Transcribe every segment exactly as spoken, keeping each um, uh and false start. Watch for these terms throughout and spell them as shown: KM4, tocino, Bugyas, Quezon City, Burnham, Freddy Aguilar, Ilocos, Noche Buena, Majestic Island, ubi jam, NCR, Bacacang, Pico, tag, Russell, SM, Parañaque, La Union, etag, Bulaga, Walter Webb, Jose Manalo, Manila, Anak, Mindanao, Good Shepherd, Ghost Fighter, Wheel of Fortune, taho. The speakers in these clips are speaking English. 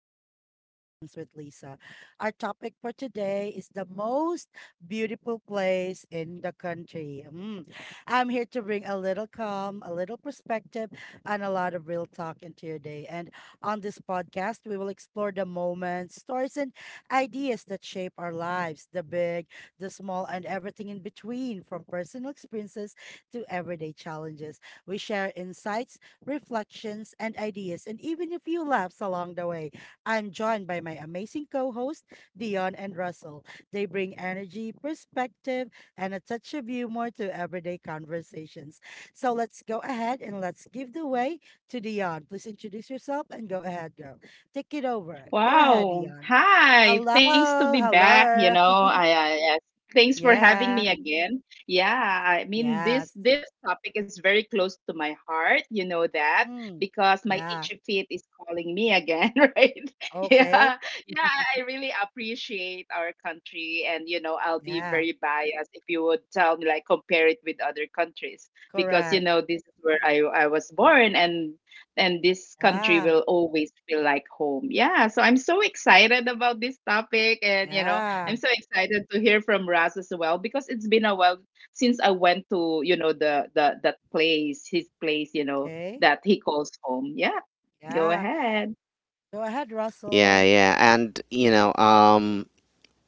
Everyday Reflections with Lisa. Our topic for today is the most beautiful place in the country. Mm. I'm here to bring a little calm, a little perspective, and a lot of real talk into your day. And on this podcast, we will explore the moments, stories, and ideas that shape our lives, the big, the small, and everything in between, from personal experiences to everyday challenges. We share insights, reflections, and ideas, and even a few laughs along the way. I'm joined by my amazing co hosts, Dion and Russell. They bring energy, perspective, and a touch of humor to everyday conversations. So let's go ahead and let's give the way to Dion. Please introduce yourself and go ahead, girl. Take it over. Go ahead, Wow. Dion. Hi. Hello, Thanks to be back. You hello. know, I, I yes. Thanks for having me Yeah, again. Yeah, I mean, this yes. this topic is very close to my heart, you know that, Hmm. because my Yeah, itchy feet is calling me again, right? Yeah. okay. Yeah, I really appreciate our country, and you know, I'll be Yeah, very biased if you would tell me, like, compare it with other countries, because you correct. know, this is where I I was born, and and this country Yeah. will always feel like home. Yeah, so I'm so excited about this topic, and you know, I'm Yeah. so excited to hear from Raz as well, because it's been a while since I went to, you know, the the that place, his place, you know, Okay. that he calls home. Yeah. Go Yeah. ahead. Go ahead, Yeah, Russell. yeah. And, you know, um,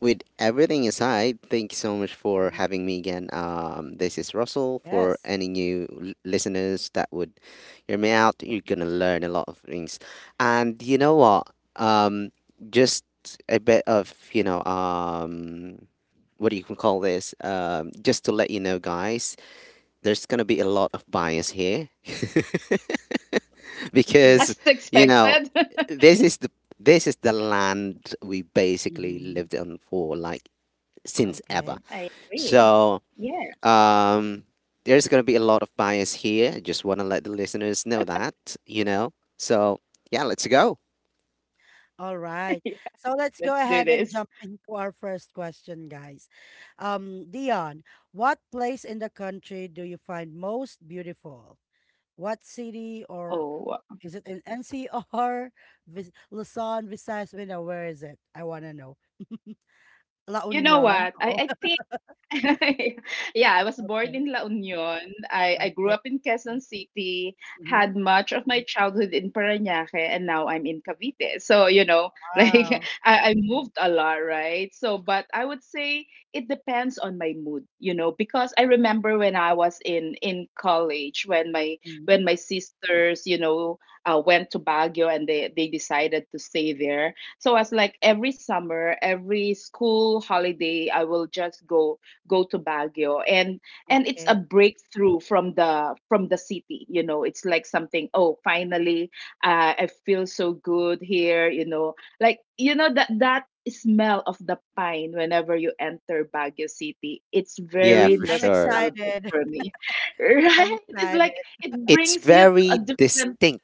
with everything aside, thank you so much for Mhm. having me again. Um, this is Russell. For Yes. any new l- listeners that would hear me out, you're going to learn a lot of things. And you know what? Um, just a bit of, you know, um, what do you can call this? Um, just to let you know, guys, there's going to be a lot of bias here Yeah. because As you know expected. this is the this is the land we basically Hmm. lived on for like since ever. Okay. I agree. so Yeah. um there's going to be a lot of bias here. I just want to let the listeners know that, you know. So yeah, let's go. All right. So let's go Let's do ahead and this. jump into our first question, guys. Um, Dion, what place in the country do you find most beautiful? What city, or Oh, is it in N C R, Vis Luzon, Visayas, Mindanao? Where is it? I want to know. La you know what? Union. I, Oh, I think, yeah, I was born okay. in La Union. I, I grew Okay. up in Quezon City, had Hmm. much of my childhood in Parañaque, and now I'm in Cavite. So, you know, like, Wow. I, I moved a lot, right? So, but I would say it depends on my mood, you know, because I remember when I was in in college, when my Mm-hmm. when my sisters, you know, uh, went to Baguio, and they they decided to stay there. So I was like, every summer, every school holiday, I will just go go to Baguio. And and it's Okay. a breakthrough from the from the city. You know, it's like something. Oh, finally, uh, I feel so good here. You know, like, you know, that that smell of the pine whenever you enter Baguio City, it's Yeah, very Mm, for I'm sure. nostalgic excited. for me, I'm right? It's excited. like it It's brings you to very a different. distinct.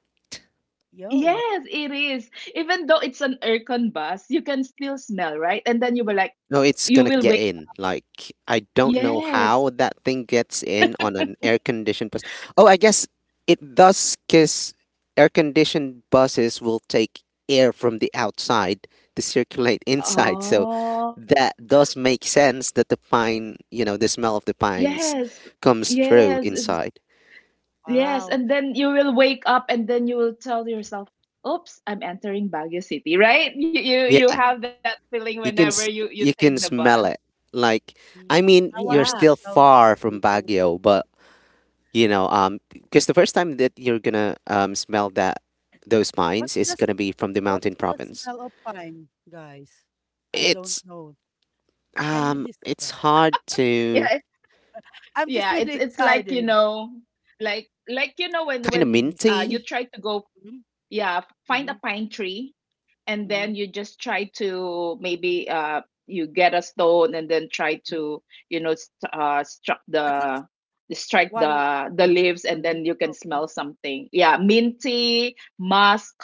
Yo, Yes, it is. Even though it's an aircon bus, you can still smell, right? And then you were like, No, it's you gonna will get wait. in. Like, I don't know Yes. how that thing gets in on an air conditioned bus. Oh, I guess it does because air conditioned buses will take air from the outside to circulate inside. So Oh, that does make sense that the pine, you know, the smell of the pines yes. comes through Yes, is inside. yes, wow. and then you will wake up and then you will tell yourself, "Oops, I'm entering Baguio City," right? You you you Yeah, have Mm, that feeling you whenever can you s- you you take the can bus. smell it. Like, I mm, mean, I want Yeah. you're to still smell that far from too. Baguio, but you know um because the first time that you're gonna um smell that those pines What's is this? gonna be from the mountain What's the province. smell of pine, guys? I don't it's know. Can you um it's describe? hard to Yeah, it- I'm just yeah, really it's it's like, you excited. know, like like you know, when kind of when uh you minty try to go, Mm-hmm, yeah, find mm-hmm, a pine tree, and mm-hmm. then you just try to, maybe, uh you get a stone and then try Hmm. to, you know, st- uh struck At least the strike one. the the Mm-hmm. leaves, and Ali. then you can Okay. smell something, yeah, minty musk,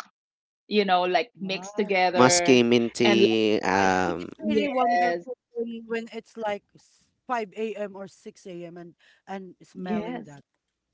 you know, like, mixed Wow. together. musky, And, like, minty. I think um it's really yes, wonderful when when it's like s- five a m or six a m and and smelling yes. that.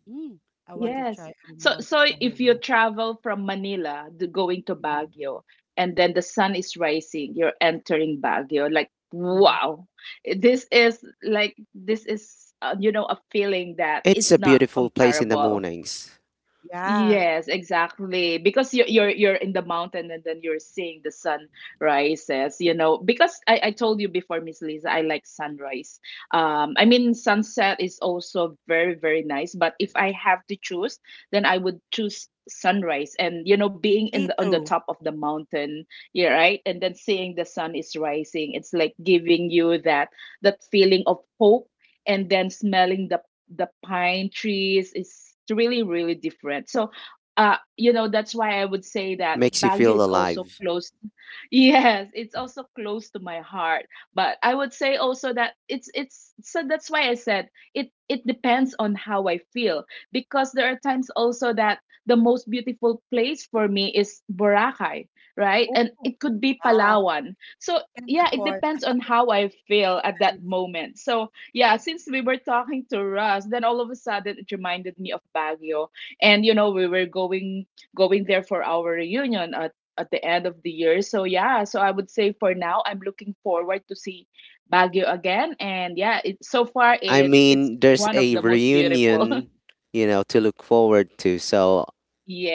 Mm, I want to Yes. try. I So really want to so try if you that. travel from Manila to going to Mhm, Baguio, and then the sun is rising, you're entering Baguio like, mhm. wow. This is like this is uh, you know, a feeling that It's a it's not beautiful place in the comparable. mornings. Yeah, Yes, exactly. Because you're you're you're in the mountain, and then you're seeing the sun rises, you know. Because I, I told you before, Miss Lisa, I like sunrise. Um, I mean, sunset is also very, very nice, but if I have to choose, then I would choose sunrise. And you know, being in me the on the too. top of the mountain, yeah, right? And then seeing the sun is rising, it's like giving you that that feeling of hope, and then smelling the the pine trees is really, really different, so uh you know, that's why I would say that Makes you Baguio feel is also alive. close. Yes, it's also close to my heart. But I would say also that it's it's so, that's why I said it it depends on how I feel, because there are times also that the most beautiful place for me is Boracay, right? Oh, And it could be wow. Palawan, so Can't yeah, it afford depends on how I feel at that that. moment, so yeah, since we were talking to Russ, then all of a sudden it reminded me of Baguio. And you know, we were going going there for our reunion at at the end of the year. So yeah, so I would say for now, I'm looking forward to see Baguio again. And yeah, it, so far I it it's mean, there's one of a the most beautiful. reunion, you know, to look forward to. So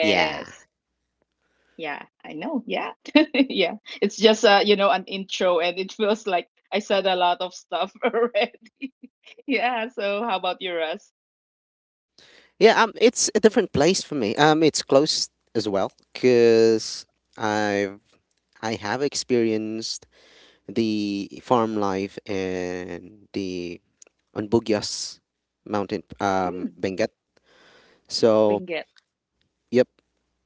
yeah. Yeah, I know. Yeah. Yeah. It's just uh, you know, an intro, and it feels like I said a lot of stuff already. Yeah, so how about you, Russ? yeah um it's a different place for me. Um it's close as well because i I have experienced the farm life and the on Bugyas mountain, um, Hmm, Benguet. So, Benguet. yep.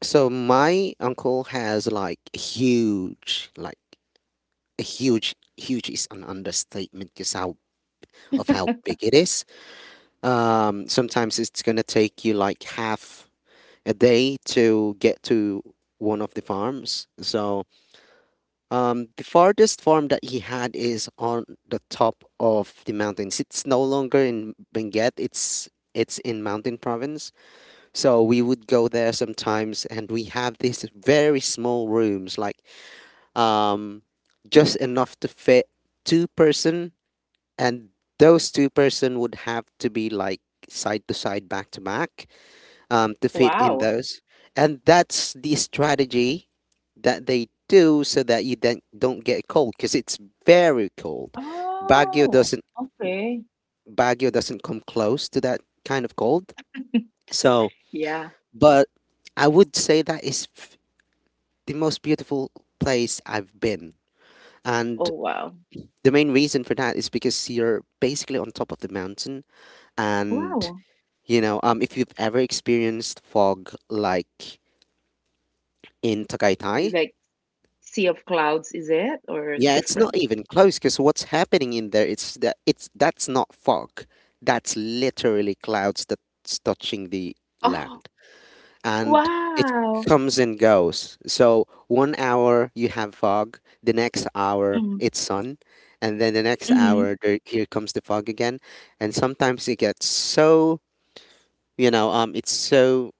So my uncle has like huge, like a huge, huge is an understatement because how of how big it is. Um, sometimes it's gonna take you like half a day to get to one of the farms. So um, the farthest farm that he had is on the top of the mountains. It's no longer in Benguet. It's it's in Mountain Province. So we would go there sometimes, and we have these very small rooms, like um, just enough to fit two person, and those two person would have to be like side to side, back to back, um, to fit in Wow. those. And that's the strategy that they do so that you then don't get cold because it's very cold. Baguio Oh, doesn't okay. Baguio doesn't come close to that kind of cold. So, Yeah. but I would say that is f- the most beautiful place I've been. And Oh, wow. the main reason for that is because you're basically on top of the mountain, and Wow. you know, um, if you've ever experienced fog like in You Tagaytay. Like, sea of clouds, is it? Or Yeah, it's not different? even close because what's happening in there, it's that it's that's not fog. That's literally clouds that's touching the Oh, land. And it wow. comes and goes. So one hour you have fog, the next hour it's sun, and then the next Mm-hmm. hour there here comes the fog again. And sometimes it gets so, you know, um it's so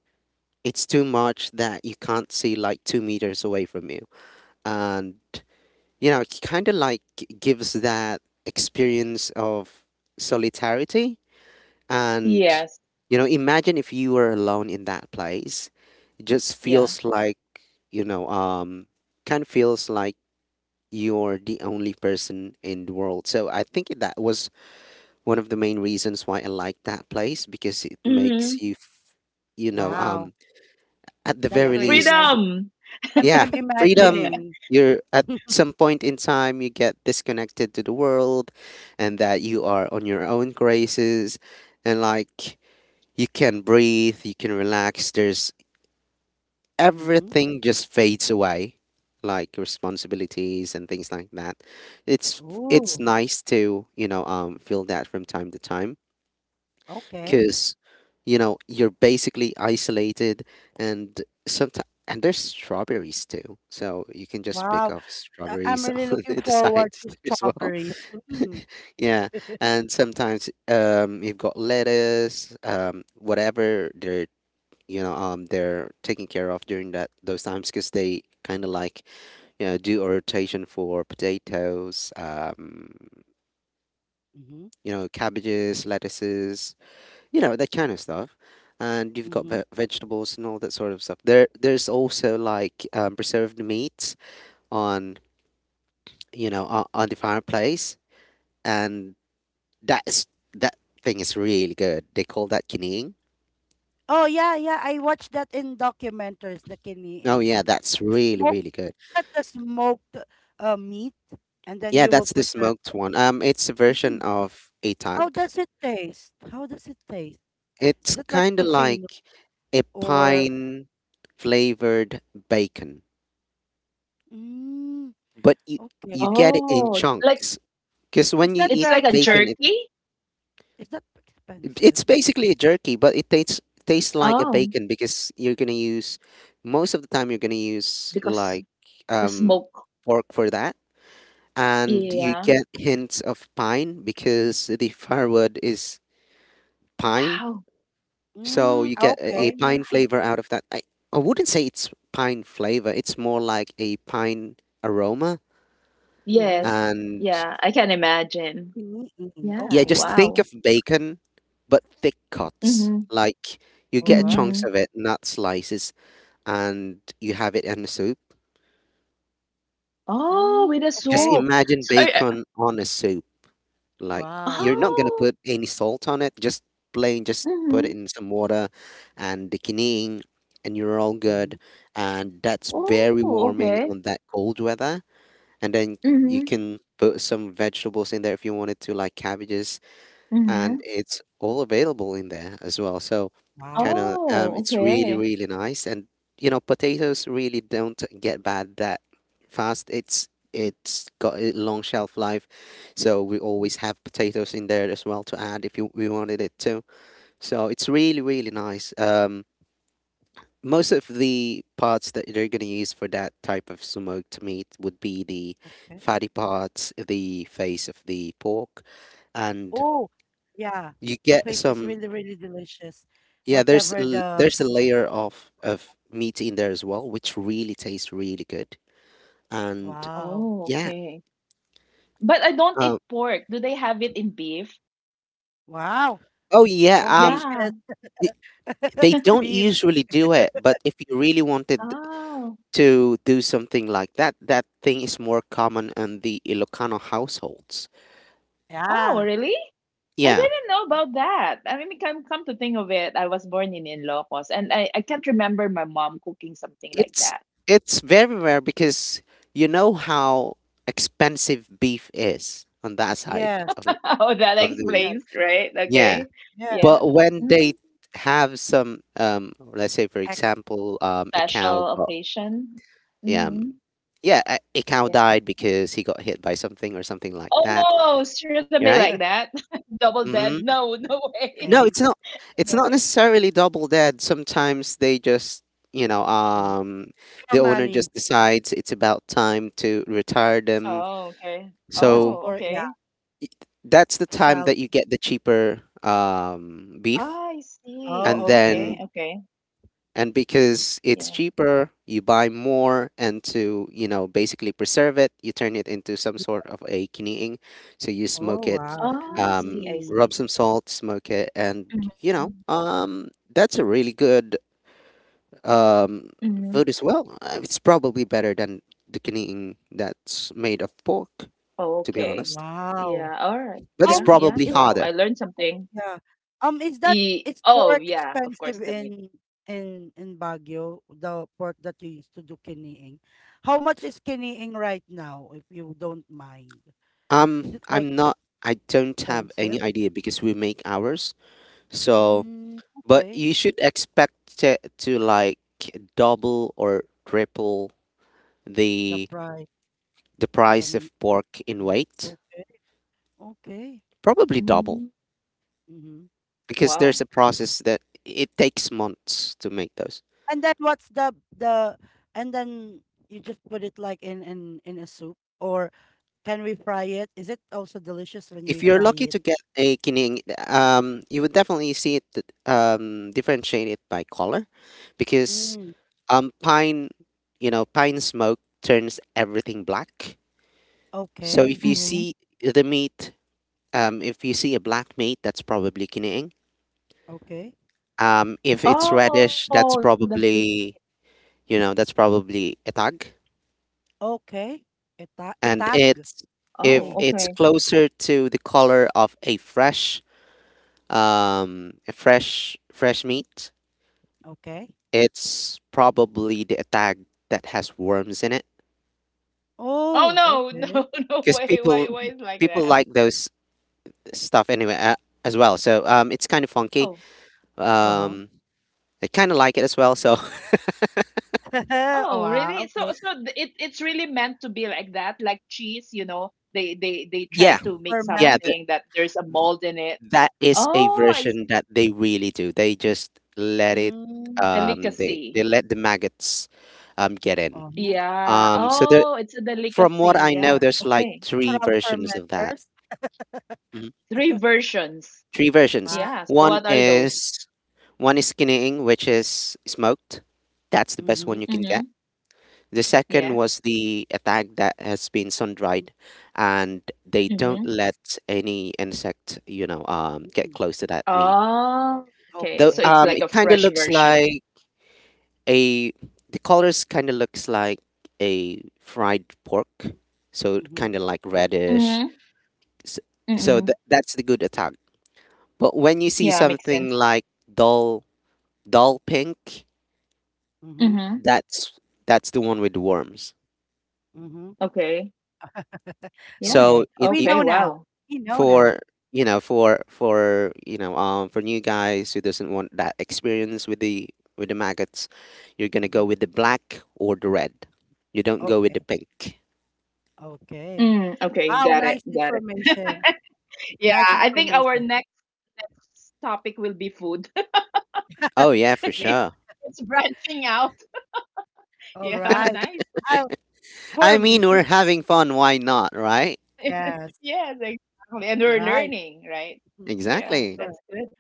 it's too much that you can't see like two meters away from you. And you know, it kind of like gives that experience of solitarity. And, Yes. you know, imagine if you were alone in that place. It just Yeah. feels like, you know, um, kind of feels like you're the only person in the world. So I think that was one of the main reasons why I like that place because it Mm-hmm. makes you, f- you know, Wow, um, at the that's Yeah. very really least, nice. Freedom. I'm yeah, I'm Yeah. freedom. imagining. You're at some point in time you get disconnected to the world, and that you are on your own graces. And like, you can breathe, you can relax, there's Mm-hmm. everything just fades away, like responsibilities and things like that. it's it's Oh, nice to, you know um feel that from time to time okay. because, you know, you're basically isolated. And sometimes and there's strawberries too, so you can just pick Wow. off I- I'm strawberries really on looking the forward sides to as well. strawberries. Mm. Yeah, and sometimes um you've got lettuce, um whatever they're, you know um they're taking care of during that those times, because they kind of like, you know, do a rotation for potatoes, um, Mm-hmm. you know, cabbages, lettuces, you know, that kind of stuff. And you've got Mm-hmm. ve- vegetables and all that sort of stuff. There there's also like, um, preserved meats on you know, on, on the fireplace. And that's that thing is really good. They call that kiniing. Oh yeah, yeah. I watched that in documentaries, the Oh kiniing. yeah, that's really Smoke really good. that the smoked uh, meat, and then Yeah, you will that's the preserve. smoked one. Um, it's a version Mm. of a How tag. does it taste? How does it taste? It's Is it like kind of tocino, like a or? pine flavored bacon, Mm, but you you okay. get it in Oh, like, chunks because Is when you that eat it's very like a bacon, it expensive? jerky? Is that It- expensive? it's basically a jerky, but it tastes tastes like a Oh, bacon because you're gonna use, most of the time you're gonna use because like, the um, smoke. pork for that, and Mm-hmm. you Yeah. get hints of pine because the firewood is pine, Wow. so Mm, you get a a okay. Oh pine my. flavor out of that. I I wouldn't say it's pine flavor; it's more like a pine aroma. Mm-hmm. Yes. And Yeah. I can imagine. Kiniing. yeah, Yeah. just Okay. think Wow. of bacon, but thick cuts Mm-hmm. like. You All get right. chunks Mhm. of it, not slices. And you have it in a soup. Oh, with Mm, a Just okay. soup. imagine So are are, bacon on a soup. Like, Wow. you're not gonna oh, put any salt on it, just plain, just put it mhm. in some water and the kineing and you're all good. Mm-hmm. And that's Oh, very warming okay. on that cold weather. And then Mm. you Mhm, can put some vegetables in there if you wanted to, like cabbages, and mhm. it's all available in there as well. So kind Wow. of um, Oh, it's really okay. really nice, and you know, potatoes really don't get bad that fast. It's it's got a long shelf life, so we Mm. always have potatoes in there as well to add if you, we wanted it to. So it's really really nice. Um, most of the parts that they're going to use for that type of smoked meat would be the Okay. fatty parts, the face of the pork, and Oh, yeah. you The get paste is some, really, really delicious. yeah, there's Whatever l- the there's a layer of of meat in there as well, which really tastes really good. And Wow. Oh, yeah. okay. But I don't um, eat pork. Do they have it in beef? Wow. oh yeah, um, Yeah. Bonggacious. y- they don't Beef. usually do it, but if you really wanted Oh. to do something like that, that thing is more common in the Ilocano households. Oh, Yeah. really? I Yeah, didn't know about that. I mean, come come to think of it, I was born in Ilocos, and I, I can't remember my mom cooking something like it's that. it's very rare because you know how expensive beef is on that side Yes. of the- Oh, that of the. explains, Yes. right? Yeah. Okay. Yeah. Yeah. But when they have some, um, let's say, for Ex. example, um, a cow Special got, occasion? yeah, um, Mhm. Mm. yeah, a, a cow Yeah. died because he got hit by something or something like Oh, that, no, shouldn't be like right? that. Double dead. Mm-hmm. No, no way. No, Okay. it's not. No It's not way. necessarily double dead. Sometimes they just, you know, Mm. um, For the owner money. just decides it's about time to Yeah. retire them. Oh, okay. Just So Oh, for, yeah. okay. y- that's the time Sell. that you get the cheaper, um, beef, I and Oh, see. then, okay. Okay, okay. and because it's Yeah. cheaper you buy more, and to, you know, basically preserve it, you turn it into some sort of a kiniing. So you Oh, smoke it, wow. I um, see, Kini. I rub some see. salt, smoke it, and, you know, Mhm. um, that's a really good, um, Mhm. food as well. Uh, it's probably better than the kiniing that's made of pork, to be Okay. honest, Wow. Yeah, all right. but it's Yeah, Um, yeah. probably Wow, harder. I learned something. Yeah. Um, is that E is Oh, pork yeah, of course, expensive the meat. in in in Baguio, the pork that you used to do kiniing? How much is kiniing right now, if you don't mind? Is um, it, like, i'm not I don't have expensive? any idea because we make ours. So, Mm, but okay. you should expect it to like double or triple The the price, the the price meat, of pork in meat. weight. Okay, okay. Probably double Mhm. Mm-hmm. because there's a Wow. process that it takes months to make those. And then what's the the and then you just put it, like, in in in a soup, or can we fry it? Is it also delicious when we If you're fry lucky it? to get a kining, um, you would definitely see it, um, differentiate it by color because, Mm, um, pine, you know, pine smoke turns everything black. So if okay. you Mhm. see the meat, um, if you see a black meat, that's probably kining. Okay. Um, if it's reddish, Oh, the that's bl probably, you know, that's probably a tag. Okay. Eta And etag. it's, oh, if Okay. okay. it's closer to the color of a fresh, um, a fresh fresh meat, Okay. it's probably the tag that has worms in it. Oh, Oh, no, okay. no, no Because way, people why, why is like people that? like those stuff anyway, uh, as well. So um, it's kind of funky. Oh, Uh-huh. Um, I kind of like it as well. So Oh, oh, really? wow. So, Okay. so th- it it's really meant to be like that, like cheese. You know, they they they Mhm. try yeah, to make yeah. Ferment. th- something that there's a mold in it. That is a Oh, I version see. that they really do. They just let it, Mm. um they Delicacy. they let the maggots, um, get in. Uh-huh. Yeah. Um, so there, Oh, it's a from what delicacy. I know, Yeah. there's like Okay. three Natural versions of that. fermenters. Mhm. Three versions. Three versions. Wow. Yeah. So One what are those? is One is skinning, which is smoked. That's the best Mm-hmm. one you can get. Mm-hmm. The second Yes. was the attack that has been sun-dried, and they don't Mm-hmm. let any insect, you know, um, get Mm-hmm. close to that meat. Oh, okay. The Okay. So it's um like It a kind of fresh looks version. like a the colors kind of looks like a fried pork, so Mm-hmm. kind of like reddish. Mm-hmm. So, so Mm-hmm. th- that's the good attack, but when you see Yeah, makes something sense. like dull dull pink, Mm-hmm. Mm-hmm. that's that's the one with the worms. Mm-hmm. Okay. Yeah. So Okay. it, We it, Okay. know now. Wow. We know now. for, you know, for for you know, um, for new guys who doesn't want that experience with the with the maggots, you're gonna go Mhm. with the black or the red. You don't go with the Okay. pink. Okay. Mm, okay. Wow, Got it. nice Got it. information. Yeah, Nice I think our information. next, next topic will be food. Oh, yeah, for Yeah. sure. It's branching out. All Yeah, right. nice, nice. Uh, I for me, mean, we're having fun, why not, right? Yes, Yes, exactly. And we're right. learning, right? Mhm. Yeah, Exactly. Correct. that's good.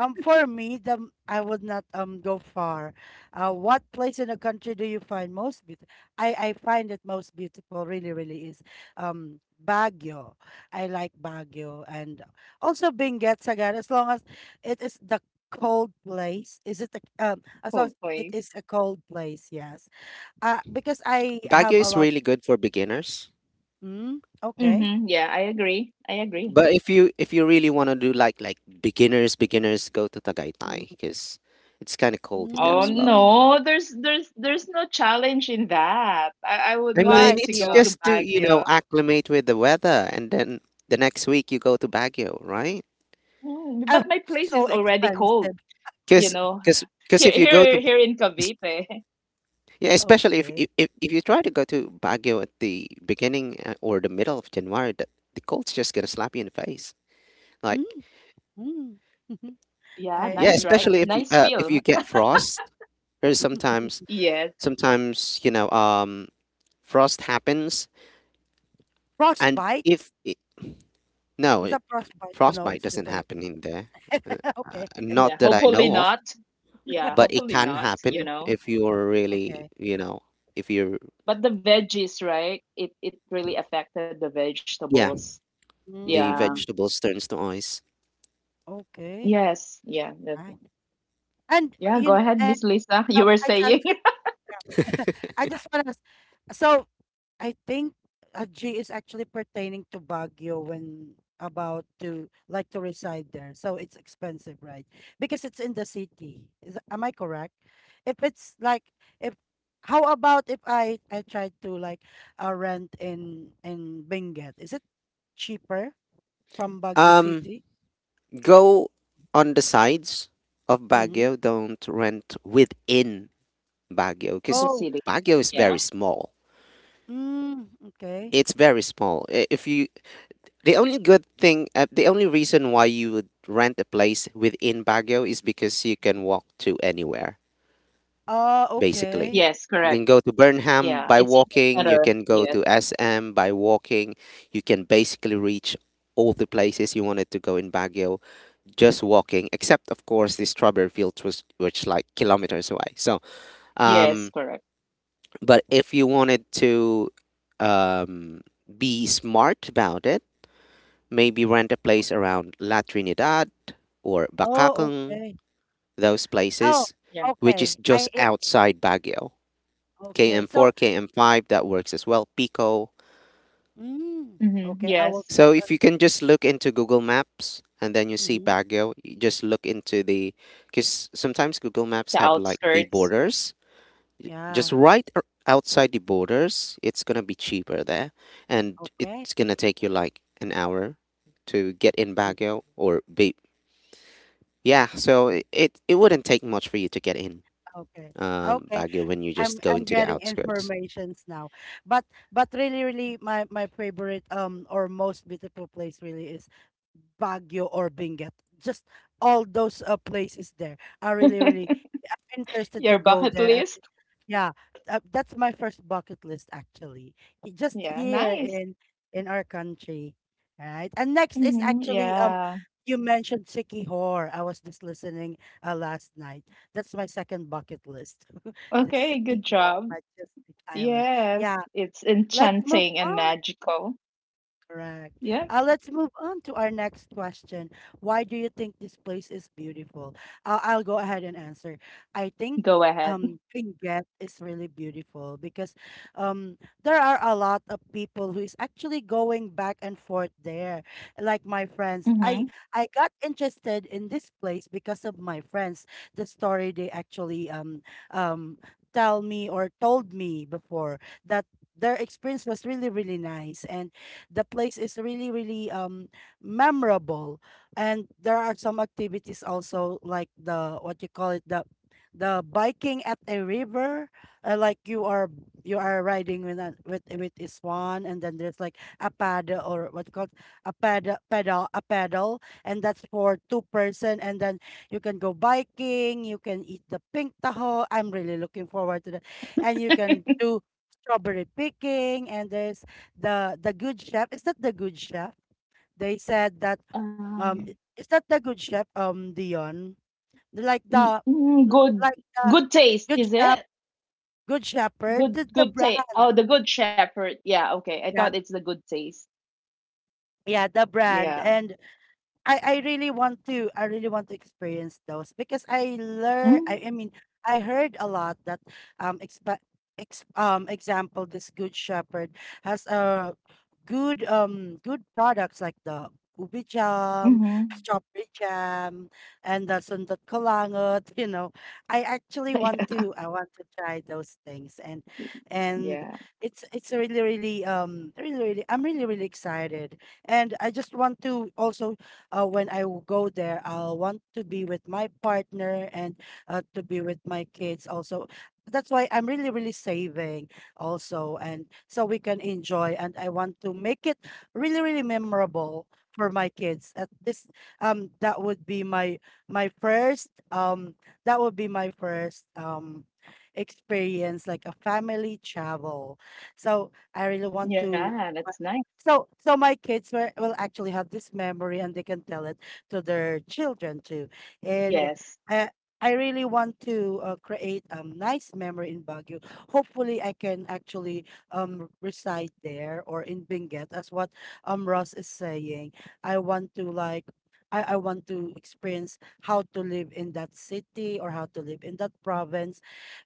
Um, for me, the m- I would not um go far. Uh, what place in the country do you find most beautiful? I I find it most beautiful. Really, really is um Baguio. I like Baguio, and also Benguet, Sagada. As long as it is the cold place, is it the, um as long Cool as it place. is a cold place? Yes. Uh, because I Baguio have a is lot really of. good for beginners. Mm, okay. Mm-hmm. Yeah. I agree. I agree. But if you if you really want to do like like beginners, beginners go to Mm-hmm. Tagaytay because it's kind of cold in there Oh, as well. Mm, no, there's there's there's no challenge in that. I, I would I mean, why? like to it's go to just to, you know, Baguio. acclimate with the weather, and then the next week you go to Baguio, right? Oh, Mm, but my so place is already expensive. cold, Cuz you know. cuz cuz Here, if you go to, here, here in es- Cavite. yeah, especially if, Okay. if if if you try to go to Baguio at the beginning, uh, or the middle of January, the, the cold's just going to slap you in the face. Mm. Like, Hmm. Yeah, I yeah, I'm nice, right? especially if excited. you, Nice uh, if feel. you get frost, because sometimes Yes. sometimes, you know, um, frost happens, and Frostbite? if it, no Is it, that frostbite? Oh no, frostbite it's doesn't different happen thing. in there, uh, uh, Okay. Yeah. not that I Hopefully know of, not. Yeah. but it Hopefully can not. You happen know. if you're really, Okay. you know, if you're. But the veggies, right? It it really affected the Yeah, vegetables. the Yeah. Mm, vegetables turns to ice. okay. Yes. Yeah. that- Right. And Yeah. Go you ahead, and Miss Lisa. You oh, were I just, saying. yeah. I just want to, so I think, uh, G is actually pertaining to Baguio when about to, like, to reside there. So it's expensive, right? Because it's in the city. Is, am I correct? If it's like if How about if I I try to, like, uh, rent in in Benguet? Is it cheaper from Baguio Um, City? go on the sides of Mm-hmm. Baguio. Don't rent within Baguio because The Oh, city. Baguio is very Yeah. small. mm, okay. It's very small. I- If you The only good thing, uh, the only reason why you would rent a place within Baguio is because you can walk to anywhere, Oh, basically. okay. Yes. You can Correct. go to Burnham Yeah. by It's in the walking, you center. can go Yes. to S M by walking, you can basically reach all the places you wanted to go in Baguio just walking, except of course the strawberry fields was which like kilometers away. So Yes. um, Correct. but if you wanted to, um, be smart about it, maybe rent a place around La Trinidad or Oh, Bacacang, okay. those Oh, places, Yeah. which is okay. just I it, outside Baguio. okay. K M four, So, K M five, that works as well, Pico. mm, Mm-hmm. okay. I will Yes. check So if on. you can just look into Google Maps and then you see Mhm, Baguio, you just look into the, because sometimes Google Maps The have like the outskirts. borders. Just yeah, right ar- outside the borders, it's gonna be cheaper there, and okay. it's gonna take you like an hour to get in Mm, Baguio or be. Yeah, so mhm, i- it it wouldn't take much for you to get in, okay. um, Okay, Baguio when you I'm just go I'm into the getting outskirts. informations now. But but really really my my favorite, um or most beautiful place really is Baguio or Benguet. Just all those uh, places there are really really interested to Your go bucket there. And list? yeah, uh, that's my first bucket list, actually. He- Just Yeah, here nice. in in our country, right? And next is, Hmm. actually, um Yeah. you mentioned Sikihor. I was just listening uh, last night. That's my second bucket list. The Okay, good Sikihor, job. Majestic Island. Yes, Yeah, it's let's move enchanting and on. magical. Correct. Yeah, Uh, let's move on to our next question. Why do you think this place is beautiful? Uh, I'll go ahead and answer. I think, go ahead. um, Benguet is really beautiful because, um, there are a lot of people who is actually going back and forth there. Like my friends, Mm-hmm. I I got interested in this place because of my friends. The story they actually um um tell me, or told me before, that their experience was really really nice, and the place is really really um memorable, and there are some activities also, like, the what you call it the the biking at a river, uh, like, you are you are riding with an with with a swan, and then there's, like, a paddle, or what you call it, a paddle, pedal, a paddle, and that's for two person, and then you can go biking, you can eat the pink taho. I'm really looking forward to that. And you can do strawberry picking. And there's the the good chef, is that the good chef, they said that, Um, um i- is that the good chef, um Dion, like mm, the mm, good, like the good taste, good is chef, it? Good Shepherd, the, Good, the good taste. brand? Oh, the Good Shepherd. Yeah, okay. I thought Yeah, it's the good taste. yeah, the Yeah. brand. And I I really want to, I really want to experience those because I learn Mm-hmm. I, I mean, I heard a lot that, um exp- ex- um example, this Good Shepherd has a good um good products, like the ubi jam, Mm-hmm. strawberry jam, and the sundot kolangot. You know, I actually want to, I want to try those things. and and Yeah. it's it's really really um really really I'm really, really excited. And I just want to also, uh, when I w- go there, I'll want to be with my partner, and, uh, to be with my kids also. That's why I'm really, really saving also. And so we can enjoy. And I want to make it really, really memorable for my kids. At this, um, that would be my, my first, um, that would be my first, um, experience, like a family travel. So I really want Yeah, to, that's nice. so, so my kids were, will actually have this memory, and they can tell it to their children too. And, Yes. uh, I really want to, uh, create a, um, nice memory in Baguio. Hopefully, I can actually, um, reside there, or in Benguet, as what, um, Ross is saying. I want to, like. I, I want to experience how to live in that city, or how to live in that province,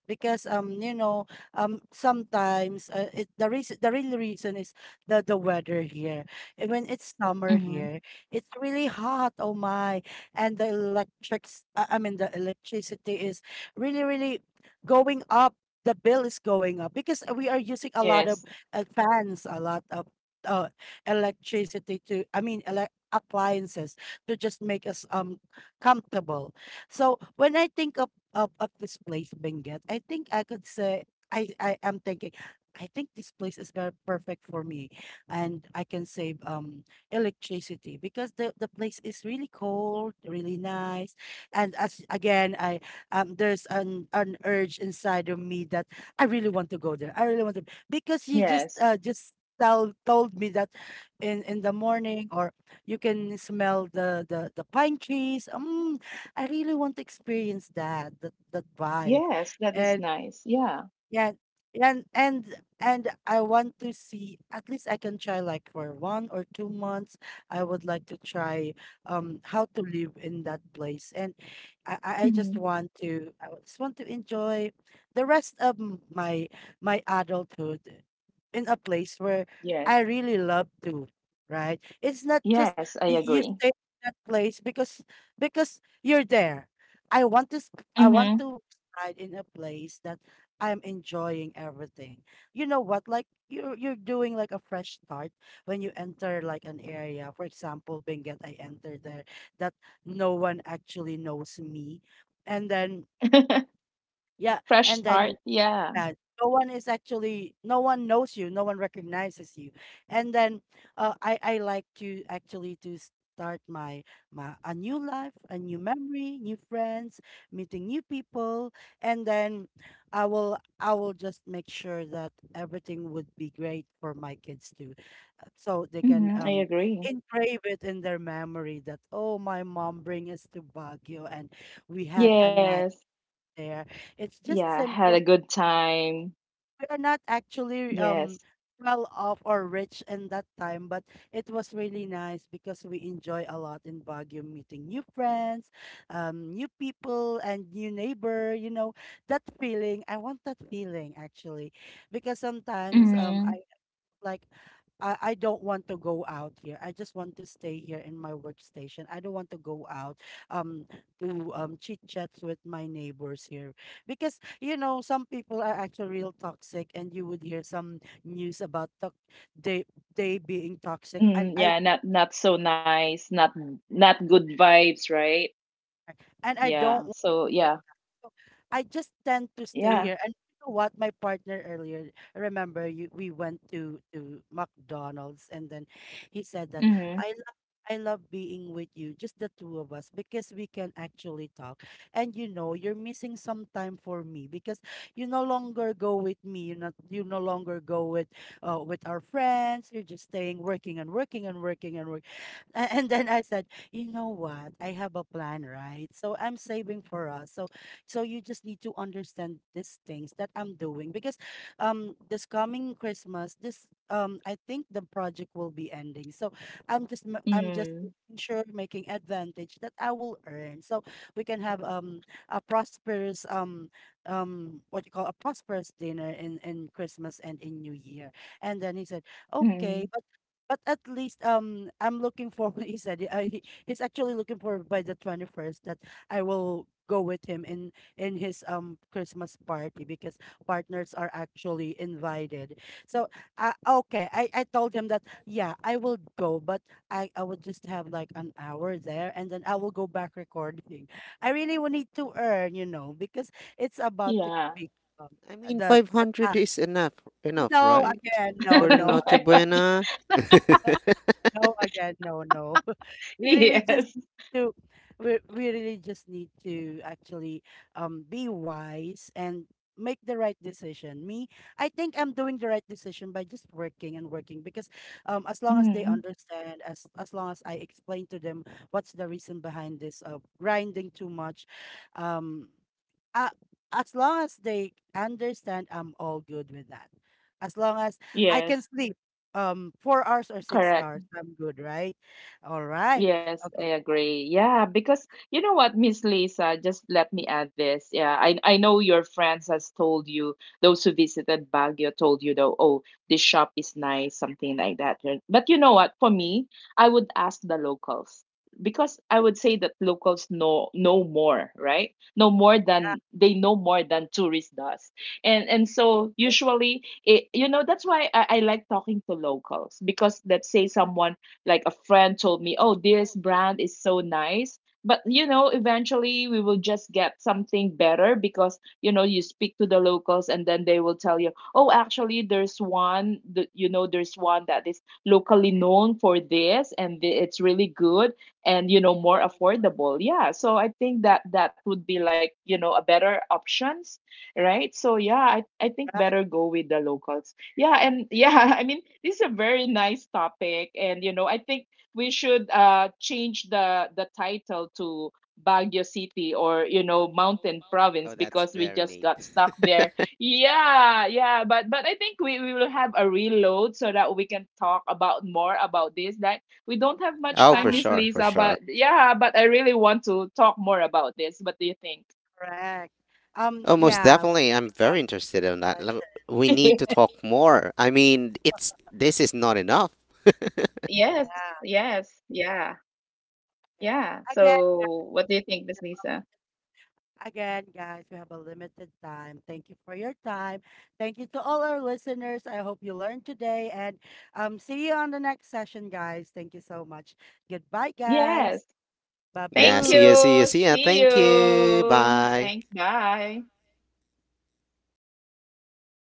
because, um you know um sometimes, uh, it, the reason the real reason is the the weather here. And when it's summer Mm-hmm. here, it's really hot. Oh my! And the electrics, uh, I mean, the electricity is really, really going up. The bill is going up because we are using a lot of, Yes. uh, fans, a lot of, uh, electricity to, I mean, ele- appliances, to just make us um comfortable. So when I think of of, of this place, Benguet, I think I could say, I I am thinking, I think this place is very perfect for me, and I can save, um electricity, because the the place is really cold, really nice. And, as again, I um there's an an urge inside of me that I really want to go there. I really want to, because you just, Yes. uh just tell told me that in in the morning, or you can smell the the, the pine trees. Um, I really want to experience that, that that vibe. Yes, that is And nice. Yeah. yeah, and and and I want to see, at least I can try, like, for one or two months. I would like to try um how to live in that place, and I I I just Mm-hmm. want to, I would just want to enjoy the rest of m- my my adulthood, in a place where Yes. I really love to. Right? It's not just, Yes, I you, you agree. stay in that place because because you're there. I want to sp- I want Hmm. to reside in a place that I'm enjoying everything. You know what? Like you're you're doing like a fresh start when you enter like an area. For example, Benguet, I entered there that no one actually knows me, and then yeah, Fresh and then start. Yeah. that. No one is actually, no one knows you, no one recognizes you. And then uh, I, I like to actually to start my, my a new life, a new memory, new friends, meeting new people. And then I will, I will just make sure that everything would be great for my kids too. uh, So they can Hmm. I um, agree. engrave it in their memory that, oh, my mom bring us to Baguio and we had a night Yes. there. It's just Yeah. Had a simple, good time. we are not actually um Yes. well off or rich in that time, but it was really nice because we enjoy a lot in Baguio, meeting new friends, um, new people, and new neighbor. You know that feeling. I want that feeling actually, because sometimes um Hmm. like I, I don't want to go out here. I just want to stay here in my workstation. I don't want to go out um to um chit chats with my neighbors here. Because you know, some people are actually real toxic and you would hear some news about to- they they being toxic, and Mm. I, Yeah. Not not so nice. Not not good vibes. Right. right, and I don't Yeah. want So to do yeah. that. So I just tend to stay Yeah. here. And you know what? My partner earlier, remember, you, we went to to McDonald's and then he said that Hmm. I love I love being with you, just the two of us, because we can actually talk. And you know, you're missing some time for me because you no longer go with me. You not you no longer go with uh, with our friends. You're just staying, working and working and working and work. A- And then I said, you know what? I have a plan, right? So I'm saving for us. So so you just need to understand these things that I'm doing because um this coming Christmas, this, um, I think the project will be ending. So I'm just ma- I'm just Mm. making sure, making advantage that I will earn. So we can have um a prosperous um um what you call a prosperous dinner in in Christmas and in New Year. And then he said, "Okay, Mm. but at least, um, I'm looking for," he said, he- uh, he, he's actually looking for, by the twenty-first, that I will go with him in in his um Christmas party because partners are actually invited. So uh, okay, I I told him that yeah, I will go, but I I will just have like an hour there and then I will go back recording. I really will need to earn, you know, because it's about to Yeah. be, um, I mean, the the five hundred time. is enough, enough, No right? again, no, For the no. Noche Buena. No again, no, no, we really just Yes. need to, we, we really just need to actually, um, be wise and make the right decision. Me I think I'm doing the right decision by just working and working because, um, as long as they Hmm. understand, as as long as I explain to them what's the reason behind this, uh, grinding too much. um uh, as long as they understand, I'm all good with that, as long as I can Yes. sleep, um four hours or six Correct. hours I'm good, right? All right. Yes, I Okay. agree. Yeah, because you know what, Miss Lisa, just let me Mm, add this. Yeah, I I know your friends has told you, those who visited Baguio told you though, oh, this shop is nice, something like that, right? But you know what, for me, I would ask the locals, because I would say that locals know know more, right? Know more yeah, than they know more than tourists does. And and so okay. usually it, you know, that's why I, I like talking to locals, because let's say someone, like a friend, told me, "Oh, this brand is so nice." But you know, eventually we will just get something better, because you know, you speak to the locals, and then they will tell you, "Oh, actually, there's one that you know there's one that is locally known for this, and th- it's really good, and, you know, more affordable." Yeah, so I think that that would be, like, you know, a better options, right? So yeah, I I think Correct. better go with the locals. Yeah, and yeah, I mean, this is a very nice topic, and you know, I think we should uh change the the title to Baguio City, or, you know, Mountain Province, Oh, that's because we very just neat. got stuck there. Yeah, yeah, but but I think we we will have a reload so that we can talk about more about this. Like, we don't have much Oh, time, for Yeah, Miss sure, for Lisa, sure. but yeah, but I really want to talk more about this. What do you think? correct. Um, Oh, most yeah, we definitely. I'm very interested in that. Lem- touched, We need to talk more. I mean, it's this is not enough. Yes, yeah. yes, yeah, yeah. Again, So, what do you think, Miss Lisa? Again, guys, we have a limited time. Thank you for your time. Thank you to all our listeners. I hope you learned today and, um, see you on the next session, guys. Thank you so much. Goodbye, guys. Yes. Yeah, Thank see Babu. ya, see ya, you. see ya. See Thank you. you. Bye. Thanks. Bye.